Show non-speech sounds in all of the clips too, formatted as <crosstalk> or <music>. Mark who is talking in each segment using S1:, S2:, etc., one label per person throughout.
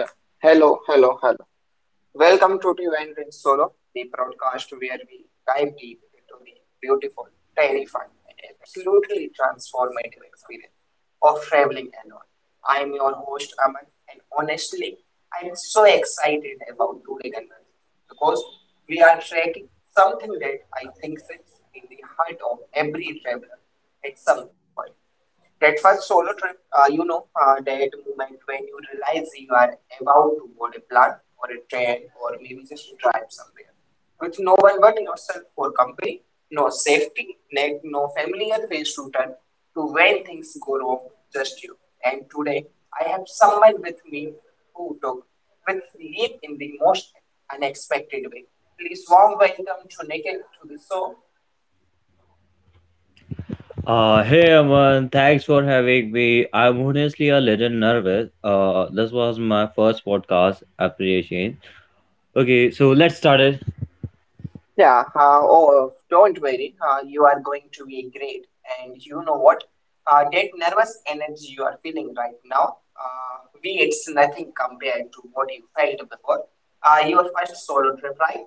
S1: Uh, Hello, hello, hello. Welcome to Divine Solo, the broadcast where we dive deep into the beautiful, terrifying, and absolutely transformative experience of traveling alone. I am your host, Aman, and honestly, I am so excited about today's conversation because we are tracking something that I think sits in the heart of every traveler at some point. That first solo trip, that moment when you realize you are about to board a plane or a train or maybe just drive somewhere with no one but yourself for company, no safety net, no familiar face to turn to when things go wrong, just you. And today, I have someone with me who took with leap in the most unexpected way. Please warm welcome to Nikhil to the show.
S2: Hey Aman, thanks for having me. I'm honestly a little nervous. This was my first podcast appreciation. Okay, so let's start it. <laughs>
S1: Yeah, oh, don't worry. You are going to be great. And you know what? That nervous energy you are feeling right now, we it's nothing compared to what you felt before. Your first solo trip, right?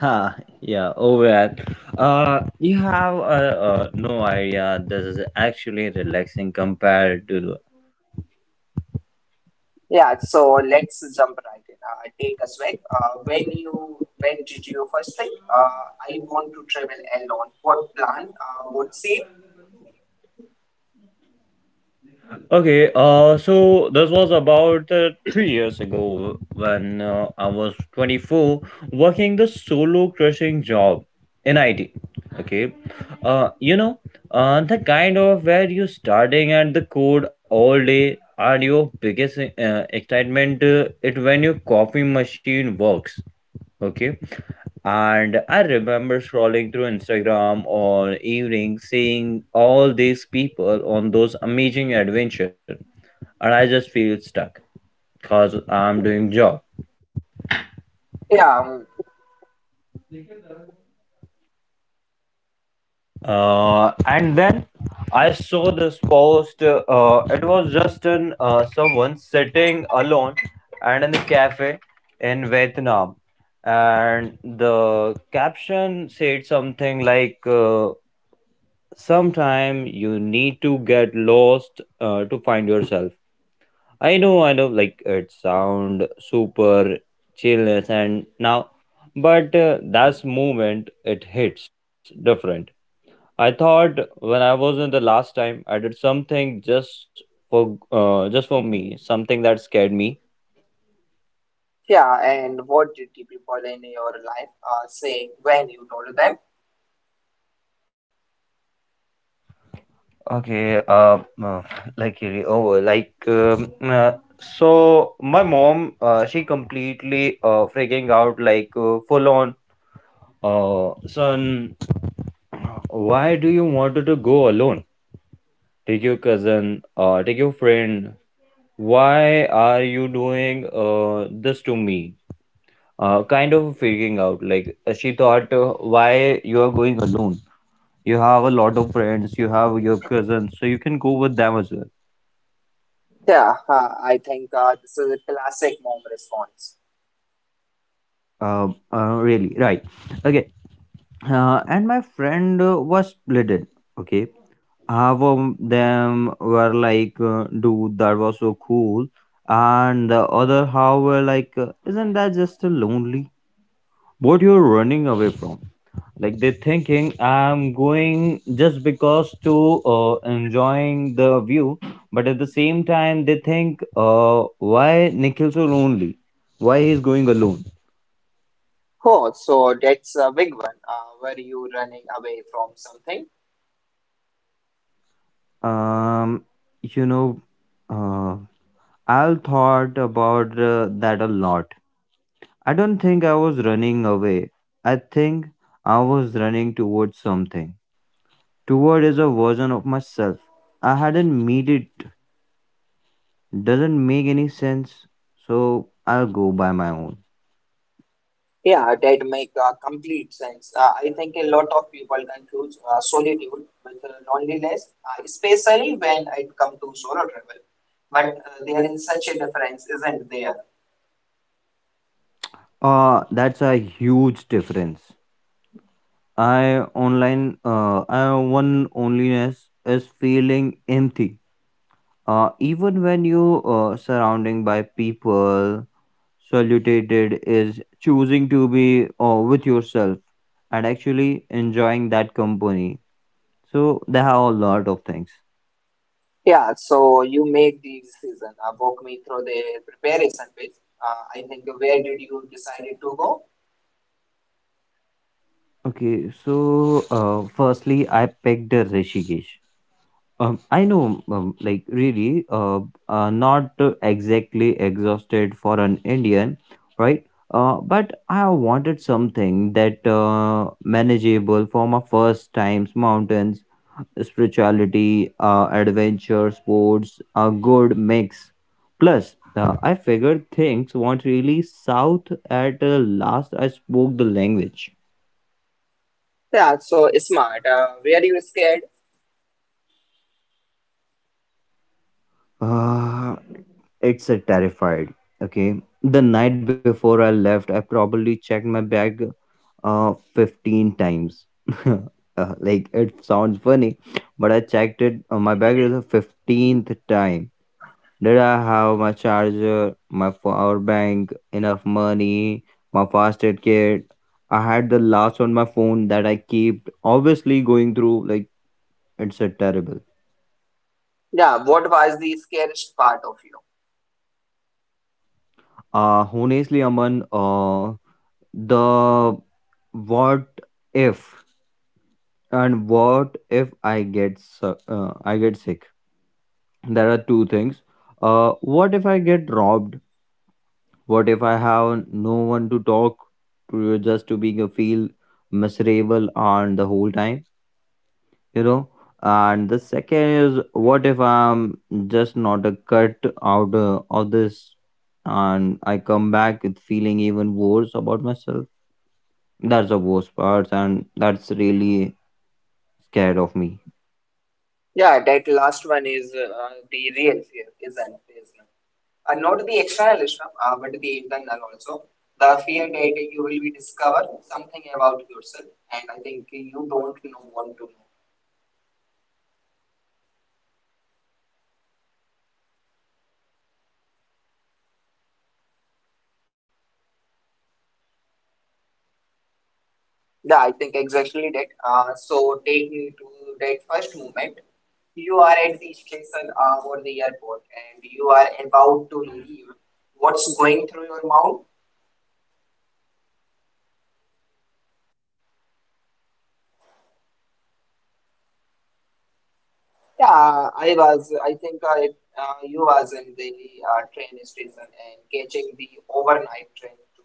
S2: Ha, yeah, oh man. You have no idea. This is actually relaxing compared to.
S1: Yeah, so let's jump right in. Take us back. When did you first think, I want to travel alone? What plan? What city?
S2: Okay, so this was about 3 years ago when I was 24 working the solo crushing job in IT. Okay, you know, the kind of where you starting at the code all day and your biggest excitement it when your coffee machine works. Okay, and I remember scrolling through Instagram all evening, seeing all these people on those amazing adventure, and I just feel stuck because I'm doing job.
S1: Yeah,
S2: And then I saw this post. It was just an someone sitting alone and in the cafe in Vietnam, and the caption said something like, "Sometime you need to get lost to find yourself." I know, like it sound super chillness and now, but that's movement it hits different. I thought when I was in the last time, I did something just for me, something that scared me.
S1: yeah, and what did the people in your life say when you told them?
S2: Okay, like really, oh, like, so my mom, she completely freaking out, like full on. Son, why do you want to go alone? Take your cousin, take your friend. Why are you doing this to me? Kind of figuring out. Like she thought, why you are going alone? You have a lot of friends. You have your cousins, so you can go with them as well.
S1: Yeah, I think this is a classic mom response.
S2: Really, right? Okay, and my friend was splitted. Okay, half of them were like, dude, that was so cool, and the other half were like, isn't that just a lonely, what you're running away from? Like they're thinking I'm going just because to enjoying the view, but at the same time they think, why Nikhil so lonely, why he's going alone?
S1: Oh, so that's a big one. Were you running away from something?
S2: um you know uh, I thought about that a lot. I don't think I was running away. I think I was running towards something. Toward is a version of myself. I hadn't made it. Doesn't make any sense. So I'll go by my own.
S1: Yeah, that make complete sense. I think a lot of people confuse solitude with loneliness, especially when it comes to solo travel. But there is such a difference, isn't there?
S2: That's a huge difference. I online I One onliness is feeling empty. Even when you surrounding by people, salutated is choosing to be with yourself and actually enjoying that company. So there are a lot of things.
S1: Yeah, so you made the decision. Walk me through the preparation phase. I think where did you decided to go?
S2: Okay, so firstly, I picked Rishikesh. I know, like really, not exactly exhausted for an Indian, right? But I wanted something that manageable for my first times: mountains, spirituality, adventure, sports, a good mix. Plus, I figured things weren't really south at last I spoke the language.
S1: Yeah, so smart. Were you scared?
S2: Uh, it's a terrified. Okay. The night before I left, I probably checked my bag 15 times. <laughs> Like it sounds funny, but I checked it. My bag is the 15th time. Did I have my charger, my power bank, enough money, my first aid kit? I had the last on my phone that I kept. Obviously, going through like it's a terrible.
S1: Yeah, what was the scariest part of you?
S2: Honestly, Aman, the what if, and what if I get sick? There are two things. What if I get robbed? What if I have no one to talk to, just to being a feel miserable on the whole time, you know? And the second is, what if I'm just not a cut out of this, and I come back with feeling even worse about myself? That's the worst part, and that's really scared of me.
S1: Yeah, that last one is the real fear, isn't it? Not the external stuff, but the internal also. The fear that you will be discover something about yourself, and I think you don't know want to know.
S2: Uh, yeah, exactly that. That's the
S1: Yeah, I think
S2: thing.
S1: exactly that. So take me to that first moment you are at the station or the airport and you are about to leave, what's going through your mouth?
S2: Uh, uh, the first of all, I was in a Delhi train station, catching the overnight train to
S1: Yeah, I
S2: Haridwar.
S1: was. I think I You was in the train station and catching the overnight train to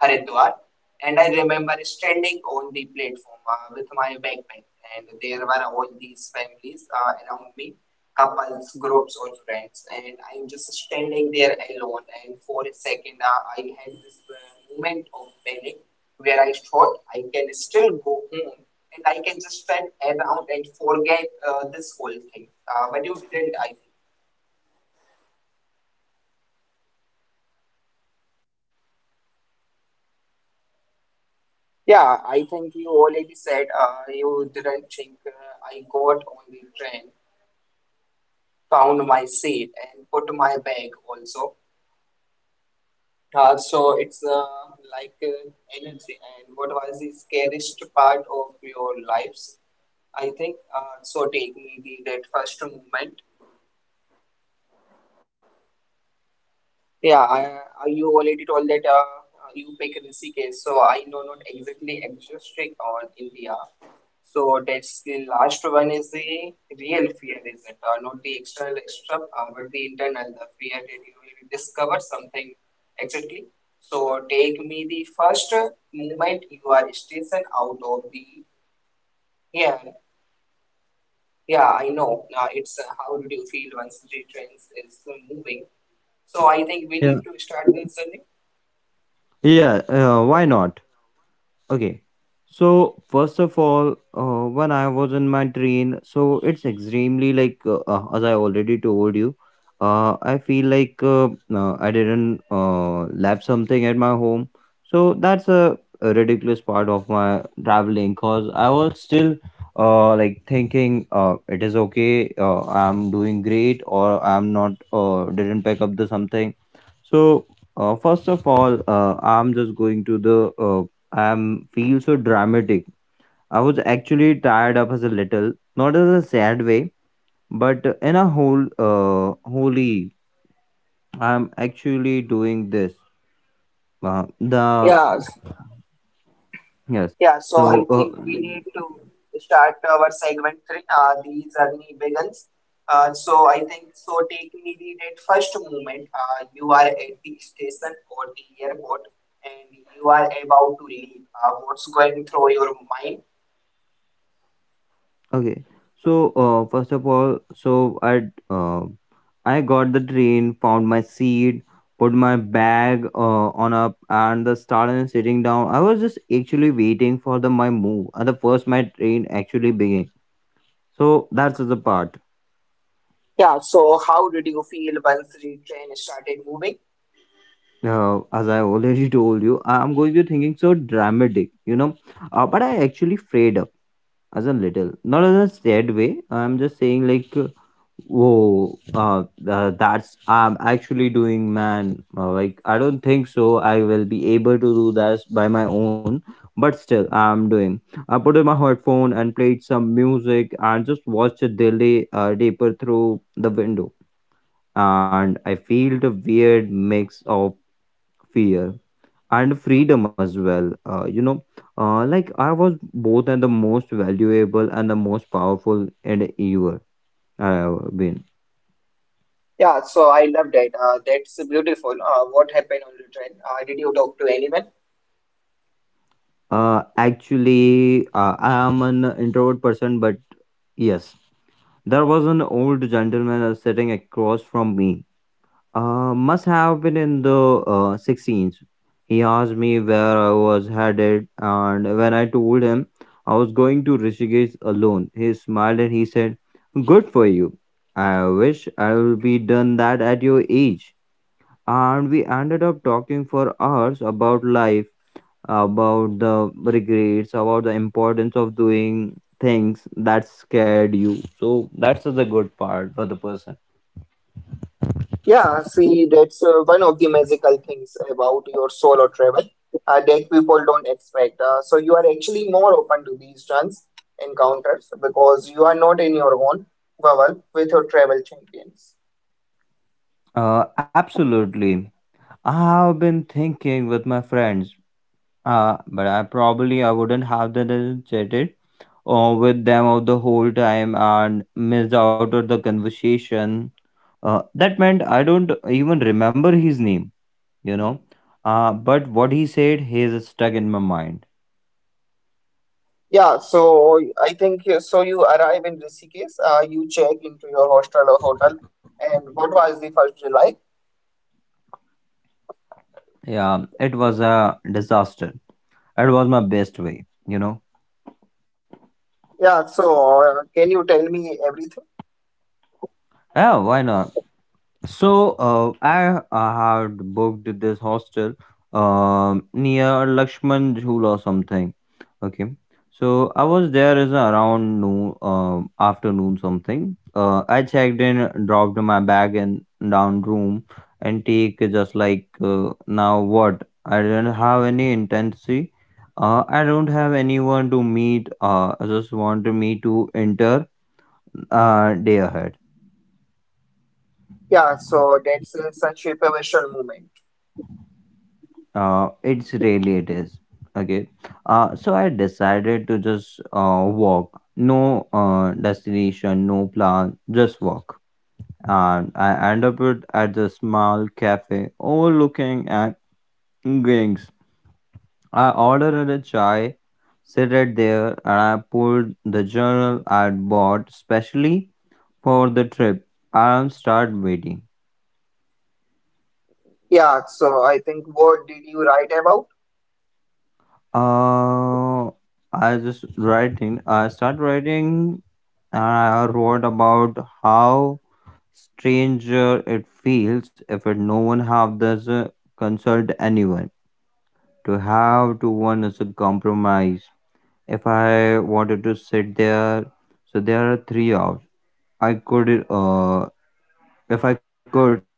S1: Haridwar, and I remember standing on the platform with my backpack, and there were all these families around me, couples, groups, or friends, and I'm just standing there alone. And for a second, I had this moment of panic where I thought I can still go home and I can just spread around and forget this whole thing. But you didn't, I think.
S2: Yeah, but I didn't. But I didn't.
S1: Yeah, I think you already said you didn't think I got on the train, found
S2: I
S1: my
S2: found
S1: seat,
S2: my
S1: and put my bag
S2: uh,
S1: also. So it's like Energy. And what was the scariest part of your lives? I think so. Take me the, that first moment.
S2: yeah. At the first of
S1: Yeah,
S2: all,
S1: you already told that you pick Rishikesh, so I know not exactly exotic on India. So that's the last one is the real fear, is it? Not the external stuff, but the internal, the fear that you will discover something exactly. So take me the first moment you are station out of the here. Yeah, I know. It's How did you feel once the train is moving? So I think we need
S2: yeah,
S1: to start this journey.
S2: yeah. Why not? Okay. So first of all, when I was in my train, so it's extremely like, as I already told you, I feel like, I didn't left something at my home. So that's a ridiculous part of my traveling, because I was still like thinking it is okay, I'm doing great, or I'm not didn't pick up the something. So first of all, I'm just going to the feel so dramatic. I was actually tired up as a little, not as a sad way, but in a whole holy, I'm actually doing this. The
S1: Yeah,
S2: Yes.
S1: yeah, so I
S2: So uh,
S1: think we need to start our segment three. The journey begins. So I think so. Take me the that first moment. You are at the station or the airport, and you are about to leave. What's going through your mind?
S2: okay. So first of all, uh, I got the train, found my seat, put my bag on up, and the started sitting down. I was just actually waiting for the my move, and the first my train actually began. So that's the part.
S1: Yeah. So how did you feel once the train started moving?
S2: As I already <laughs> told you, I'm going to be thinking so dramatic, you know. But I actually frayed up as a little, not in a sad way. I'm just saying like, whoa, that's I'm actually doing, man. Like I don't think so. I will be able to do this by my own. But still, I'm doing. I put in my headphone and played some music and just watched a delay taper through the window, and I felt a weird mix of fear and freedom as well. You know, like I was both and the most valuable and the most powerful and ever I have been.
S1: Yeah. So I love that. That's beautiful. What happened on the train? Did you talk to anyone?
S2: Actually, I am an introvert person, but yes, there was an old gentleman sitting across from me. Must have been in the sixteens. He asked me where I was headed, and when I told him I was going to Rishikesh alone, he smiled and he said, "Good for you. I wish I would be done that at your age." And we ended up talking for hours about life, about the regrets, about the importance of doing things that scared you. So that's the good part for the person.
S1: Yeah, see, that's one of the magical things about your solo travel that people don't expect. So you are actually more open to these chance encounters because you are not in your own bubble with your travel champions.
S2: Absolutely. I've been thinking with my friends, but I probably I wouldn't have the chatted with them of the whole time and missed out of the conversation. That meant I don't even remember his name, you know. But what he said, he's stuck in my mind.
S1: Yeah, so I think so. You arrive in Rishikesh, you check into your hostel or hotel, and what was the first July?
S2: Yeah, it was a disaster. It was my best way, you know.
S1: Yeah, so can you tell me everything?
S2: Yeah, why not? So I had booked this hostel near Lakshman Jhula or something. Okay, so I was there is around noon, afternoon something. I checked in, dropped my bag in down room, and take just like, now what? I didn't have any intensity. I don't have anyone to meet. I just want me to enter day ahead.
S1: Yeah, so that's such a pivotal moment.
S2: It's really it is. Okay. So I decided to just walk. No destination, no plan, just walk. And I end up at a small cafe overlooking at Gings. I ordered a chai, sit at there, and I pulled the journal I'd bought specially for the trip. I start waiting.
S1: Yeah, so I think what did you write about?
S2: Uh, I just writing. I start writing. I wrote about how stranger it feels if it no one have this consult anyone, to have to one is a compromise. If I wanted to sit there, so there are 3 hours, I could. If I could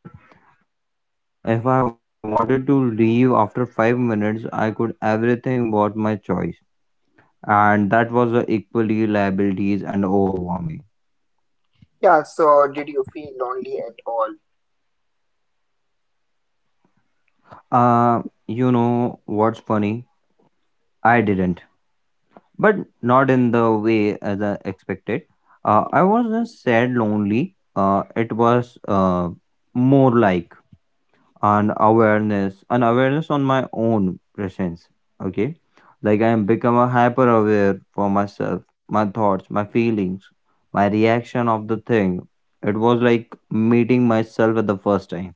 S2: if I wanted to leave after 5 minutes, I could. Everything about my choice, and that was equally liabilities and overwhelming.
S1: Yeah, so did you feel lonely at all?
S2: Uh, you know what's funny? I didn't. But not in the way as I expected. I was just sad, lonely. It was more like an awareness on my own presence. Okay, like I am become a hyper aware for myself, my thoughts, my feelings, my reaction of the thing. It was like meeting myself at the first time.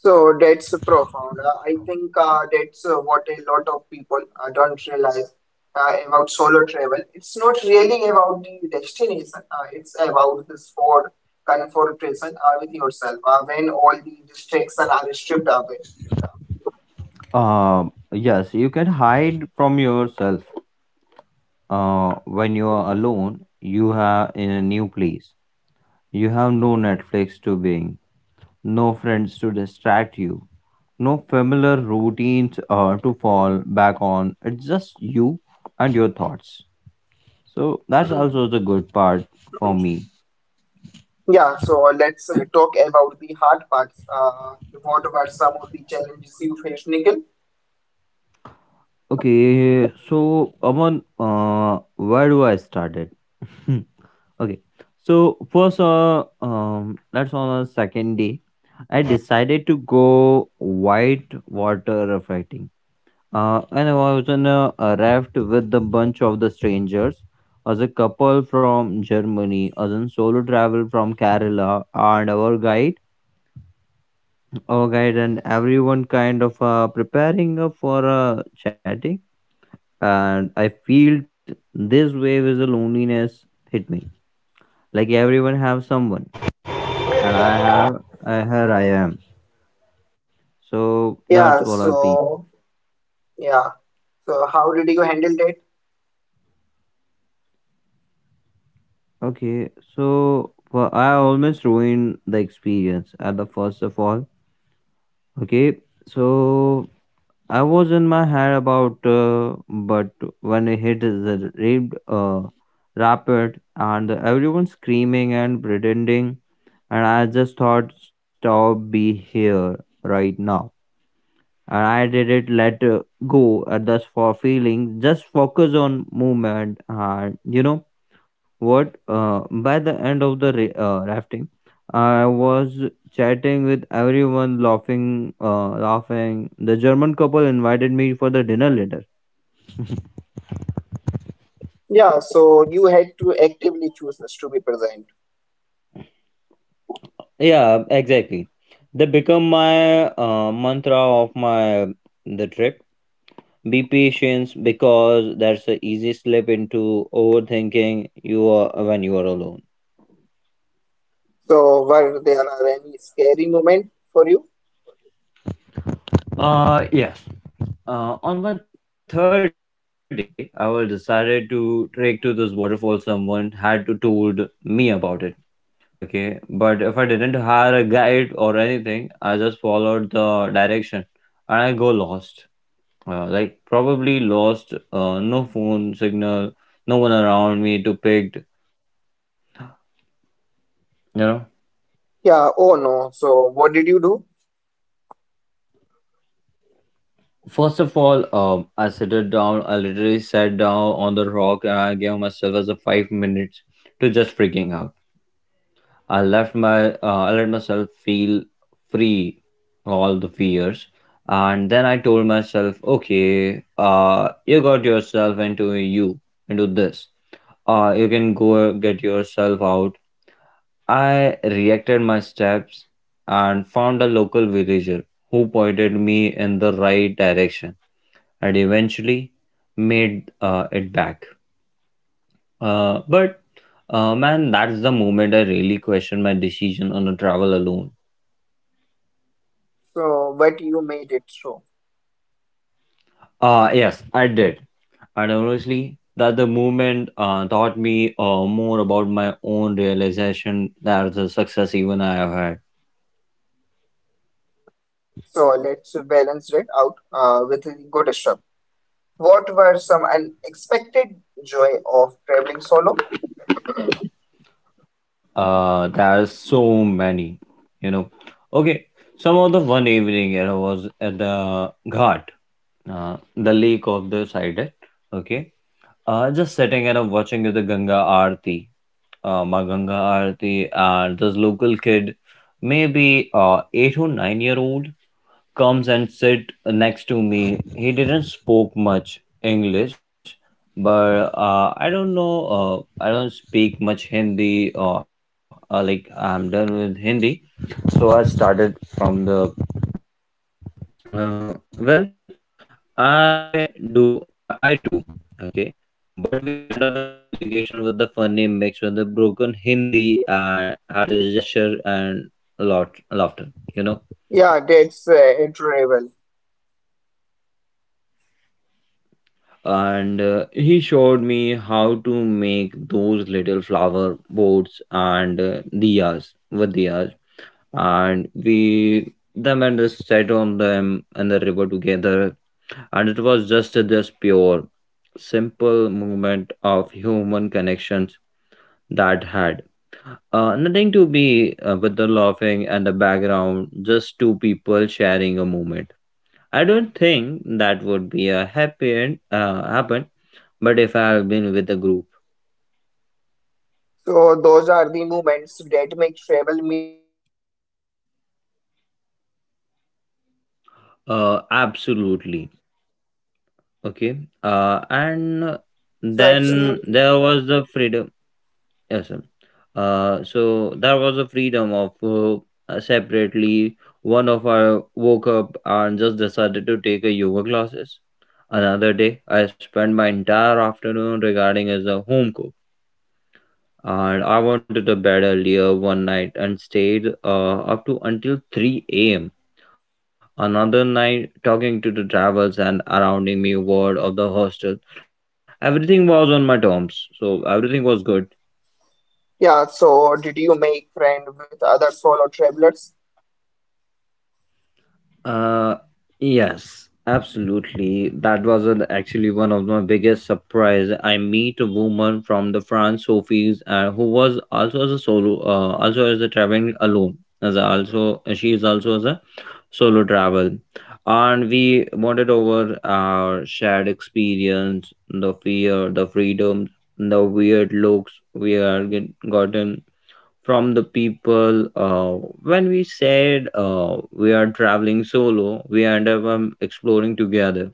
S1: So that's profound. I think That's what a lot of people don't realize about solo travel. It's not really about the destination, it's about this forward confrontation with yourself when all the distractions are stripped away.
S2: Uh, yes, you can hide from yourself when you are alone, you are in a new place. You have no Netflix to bing, no friends to distract you, no familiar routines to fall back on. It's just you and your thoughts. So that's
S1: <clears throat>
S2: also the good part for me.
S1: Yeah, so let's talk about the hard parts. What were some of the challenges you faced, Nikhil?
S2: Okay, so Aman, where do I start it? <laughs> Okay. So first, that's on the second day. I decided to go white water rafting. And I was on a raft with a bunch of the strangers, as a couple from Germany, as a solo travel from Kerala, and our guide, and everyone kind of preparing for chatting. And I feel this wave is a loneliness hit me. Like everyone have someone and I have here I am. So that's what I feel.
S1: How did you handle that?
S2: Okay, so for I almost ruined the experience at the first of all. Okay, so I was in my head about, but when I hit the raped rapid and everyone screaming and pretending, and I just thought, stop, be here right now and I didn't let go thus for feelings. Just focus on movement, and you know what? By the end of the rafting, I was chatting with everyone, laughing, laughing. The German couple invited me for the dinner later.
S1: Yeah, so you had to actively choose us to be present.
S2: Yeah, exactly. They become my mantra of my the trip. Be patient because that's the easy slip into overthinking you are when you are alone.
S1: So were there are any scary moment for you?
S2: Yes. On my third day, I was decided to trek to this waterfall. Someone had to told me about it. Okay, but if I didn't hire a guide or anything, I just followed the direction, and I go lost. Like probably lost. No phone signal, no one around me to pick. You know.
S1: Yeah, oh no. So what did you do?
S2: First of all, I sat it down. I literally sat down on the rock, and I gave myself as a 5 minutes to just freaking out. I left my I let myself feel free all the fears, and then I told myself, okay, you got yourself into you into this. You can go get yourself out. I reacted my steps and found a local villager who pointed me in the right direction and eventually made it back. But man, that's the moment I really questioned my decision on a travel alone.
S1: So but you made it through.
S2: Yes, I did. And honestly, that the movement taught me more about my own realization that the success even I have had.
S1: So let's balance that out with a good stuff. What were some unexpected joy of traveling solo?
S2: There are so many, you know. Okay, some of the one evening I was at the ghat, the lake of the side. Okay, just sitting and watching the Ganga Aarti, my Ganga Aarti, and this local kid, maybe 8 or 9 year old comes and sit next to me. He didn't spoke much English, but I don't know. I don't speak much Hindi. Or like I'm done with Hindi, so I started from the uh, well. I do. I do. Okay. But we end up with the communication with the funny mix with the broken Hindi and had a gesture and a lot laughter, you know.
S1: Yeah, that's adorable.
S2: And he showed me how to make those little flower boats and diyas with diyas and we them and us sat on them and the river together, and it was just this pure simple movement of human connections that had nothing to be with the laughing and the background, just two people sharing a moment. I don't think that would be a happen, but if I have been with a group.
S1: So those are the moments that make travel meaningful, aren't they?
S2: Uh, absolutely. Okay. And
S1: So
S2: then
S1: absolutely.
S2: there was the freedom. Yes, sir. So there was a freedom of separately. One of I woke up and just decided to take a yoga classes. Another day, I spent my entire afternoon regarding as a home cook, and I wanted a bed earlier one night and stayed up to until 3 a.m. Another night, talking to the drivers and surrounding me ward of the hostel, everything was on my terms, so everything was good.
S1: Yeah, so did you make friend with other solo travelers?
S2: Uh, yes, absolutely. That was actually one of my biggest surprise. I meet a woman from the France, Sophie's, who was also as a solo, also as a traveling alone. Also, she is also as a solo travel, and we bonded over our shared experience, the fear, the freedom, the weird looks we are get, gotten from the people when we said we are traveling solo. We end up exploring together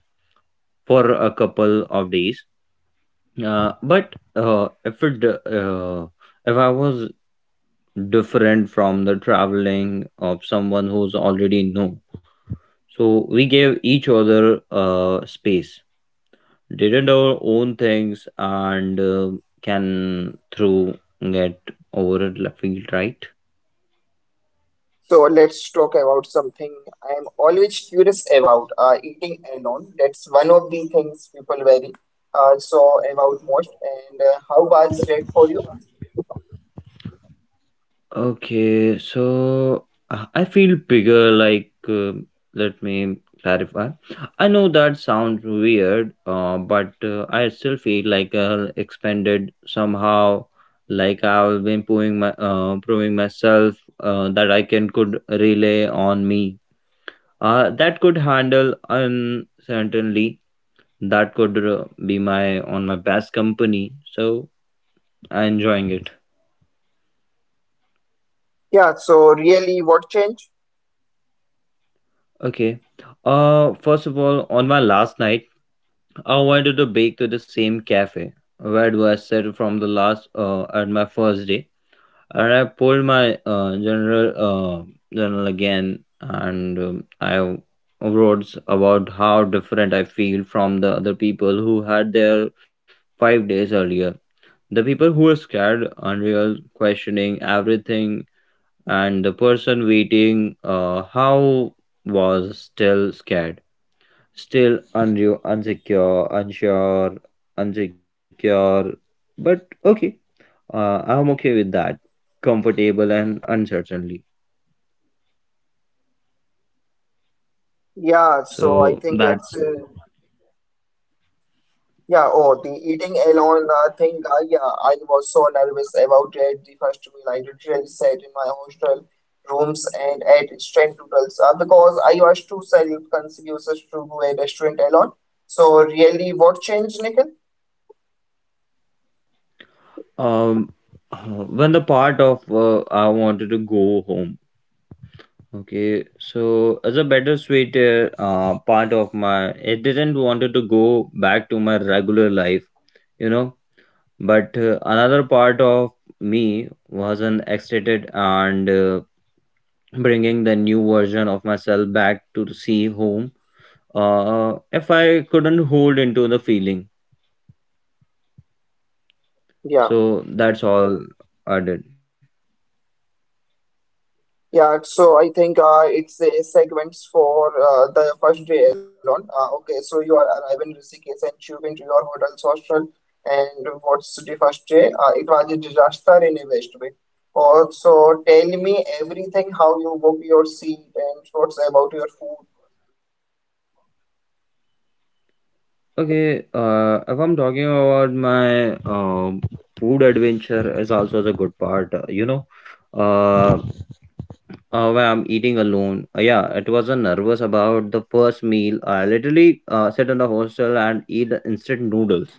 S2: for a couple of days, but if it if I was different from the traveling of someone who's already known. So we gave each other space, didn't our own things, and can through get over it. Feel right.
S1: So let's talk about something I am always curious about, eating alone. That's one of the things people worry so about most. And how was that for you?
S2: Okay, so I feel bigger. Like let me clarify. I know that sounds weird, but I still feel like I expanded somehow. Like I've been proving my proving myself that I can could rely on me that could handle certainly that could be my on my best company, so I'm enjoying it.
S1: Yeah, so really what changed?
S2: Okay. First of all, on my last night I wanted to bake to the same cafe where do I said from the last, at my first day, and I pulled my general journal again, and I wrote about how different I feel from the other people who had their 5 days earlier. The people who are scared, unreal, questioning everything, and the person waiting, how was still scared, still unreal, insecure, unsure, unsecure, but okay. I'm okay with that, comfortable and uncertainly.
S1: Yeah, so
S2: So
S1: I think
S2: that's
S1: it's Yeah, oh, the eating alone thing, yeah, I was so nervous about it. The first meal I literally sat in my hostel rooms and ate instant noodles because I was too self-conscious to go a restaurant alone. So really, what changed, Nikhil?
S2: um uh, when the part of I wanted to go home. Okay, so as a better sweet part of my, I didn't wanted to go back to my regular life, you know. But another part of me was an excited, and bringing the new version of myself back to see home. If I couldn't hold into the feeling,
S1: Yeah.
S2: so that's all I did.
S1: Yeah, so I think it's a segments for the first day alone. Okay, so you are arriving in Rishikesh and check into your hotel's hostel. And what's the first day? It was a disaster in a best way. Also, tell me everything how you book your seat and what's about your food.
S2: Okay, if I'm talking about my food adventure is also a good part, you know, uh, when I'm eating alone. Yeah, it was a nervous about the first meal. I literally sat in the hostel and eat the instant noodles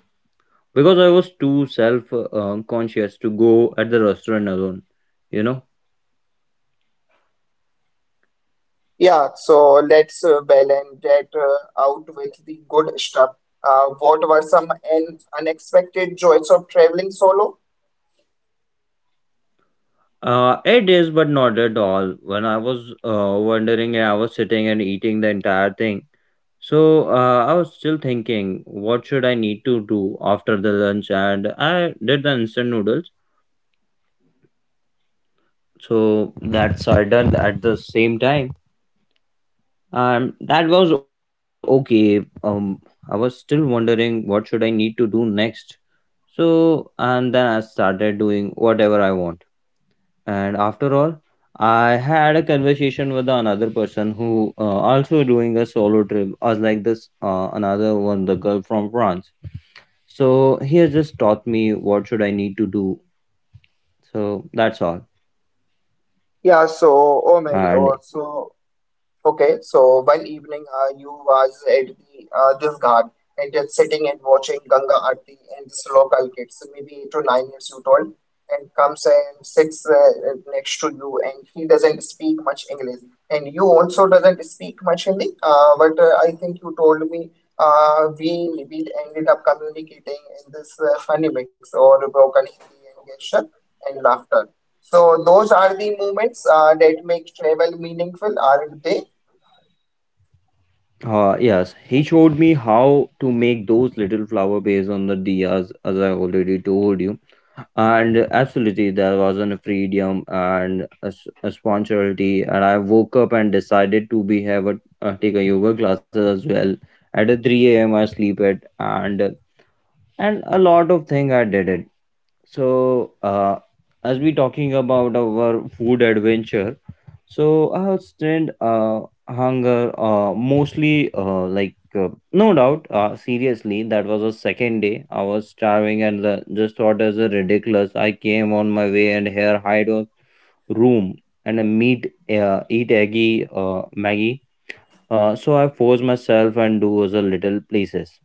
S2: because I was too self conscious to go at the restaurant alone, you know.
S1: Yeah, so let's balance that out with the good stuff. What were some un unexpected joys of traveling solo?
S2: It is, but not at all. When I was wondering, I was sitting and eating the entire thing. So I was still thinking, what should I need to do after the lunch? And I did the instant noodles. So that's I done at the same time, and that was okay. I was still wondering what should I need to do next. So and then I started doing whatever I want. And after all, I had a conversation with another person who also doing a solo trip, as like this another one, the girl from France. So he has just taught me what should I need to do. So that's all.
S1: Yeah, so oh many. Oh,
S2: And
S1: so okay, so one evening you was at the this ghat and just sitting and watching Ganga Aarti and this local kids, maybe 8 to 9 years you told, and comes and sits next to you and he doesn't speak much English and you also doesn't speak much Hindi. But I think you told me we ended up communicating in this funny mix or broken Hindi and gesture and laughter. So those are the moments that make travel meaningful, aren't they?
S2: Yes, he showed me how to make those little flower based on the diyas, as I already told you. And absolutely, there was an freedom and a spontaneity. And I woke up and decided to be have a take a yoga classes as well. At a three a.m. I sleep it and a lot of thing I did it. So as we talking about our food adventure, so I have strained hunger mostly like no doubt seriously that was the second day I was starving and the, just thought as a ridiculous I came on my way and here hide a room, and I meet eat eggy Maggie, so I forced myself and do as a little places,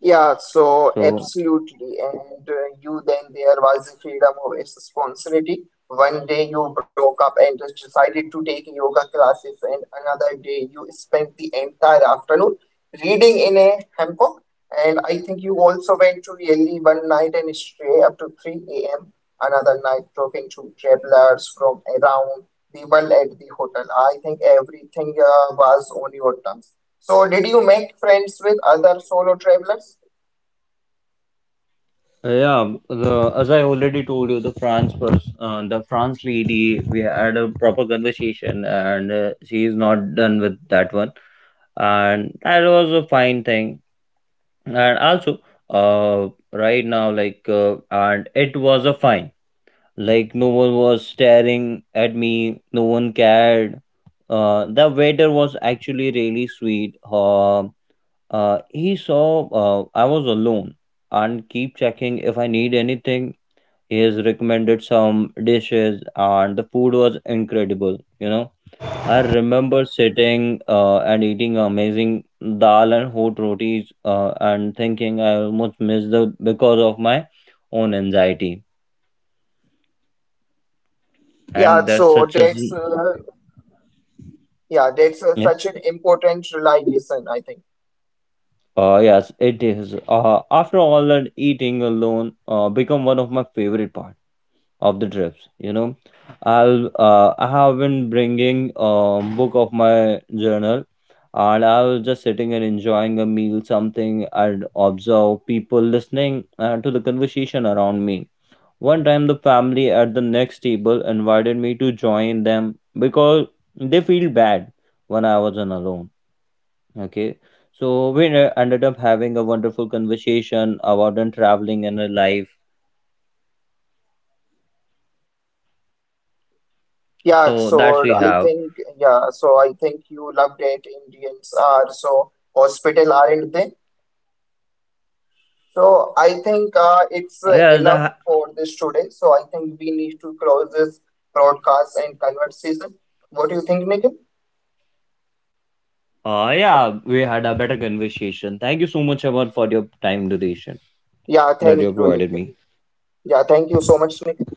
S1: Yeah, so
S2: so
S1: absolutely. And you then there was the freedom of responsibility. One day you broke up and just decided to take yoga classes, and another day you spent the entire afternoon reading in a hammock. And I think you also went to Delhi one night and stay up to 3 a.m. Another night talking to travelers from around the world at the hotel. I think everything was on your terms. So, did you make friends with other solo travelers?
S2: uh, yeah, the, as I already told you, the the France lady, we had a proper conversation, and she is not done with that one, and that was a fine thing. And also, right now, like, and it was a fine. Like, no one was staring at me. No one cared. The waiter was actually really sweet. He saw I was alone and keep checking if I need anything. He has recommended some dishes, and the food was incredible, you know. I remember sitting and eating amazing dal and hot rotis, and thinking I almost missed the because of my own anxiety,
S1: Yeah,
S2: and there's
S1: so
S2: such a
S1: that's
S2: yes,
S1: such an important realization, I think.
S2: yes it is. After all that eating alone become one of my favorite part of the trips, you know. I have been bringing a book of my journal, and I was just sitting and enjoying a meal something and observe people listening to the conversation around me. One time the family at the next table invited me to join them because they feel bad when I was on alone. Okay, so we ended up having a wonderful conversation about and traveling and a life, so that's we
S1: Yeah,
S2: have.
S1: so I think yeah, so I think you loved it. Indians are so hospital, aren't they? So I think
S2: Oh, yes,
S1: it's enough for this today. So I think we need to close this broadcast and conversation. What do you think, Nikhil?
S2: uh, yeah, we had a better conversation. Thank you so much, Aman, for your time duration
S1: Yeah, thank
S2: that you
S1: you, Nikhil.
S2: provided me.
S1: Yeah, thank you so much, Nikhil.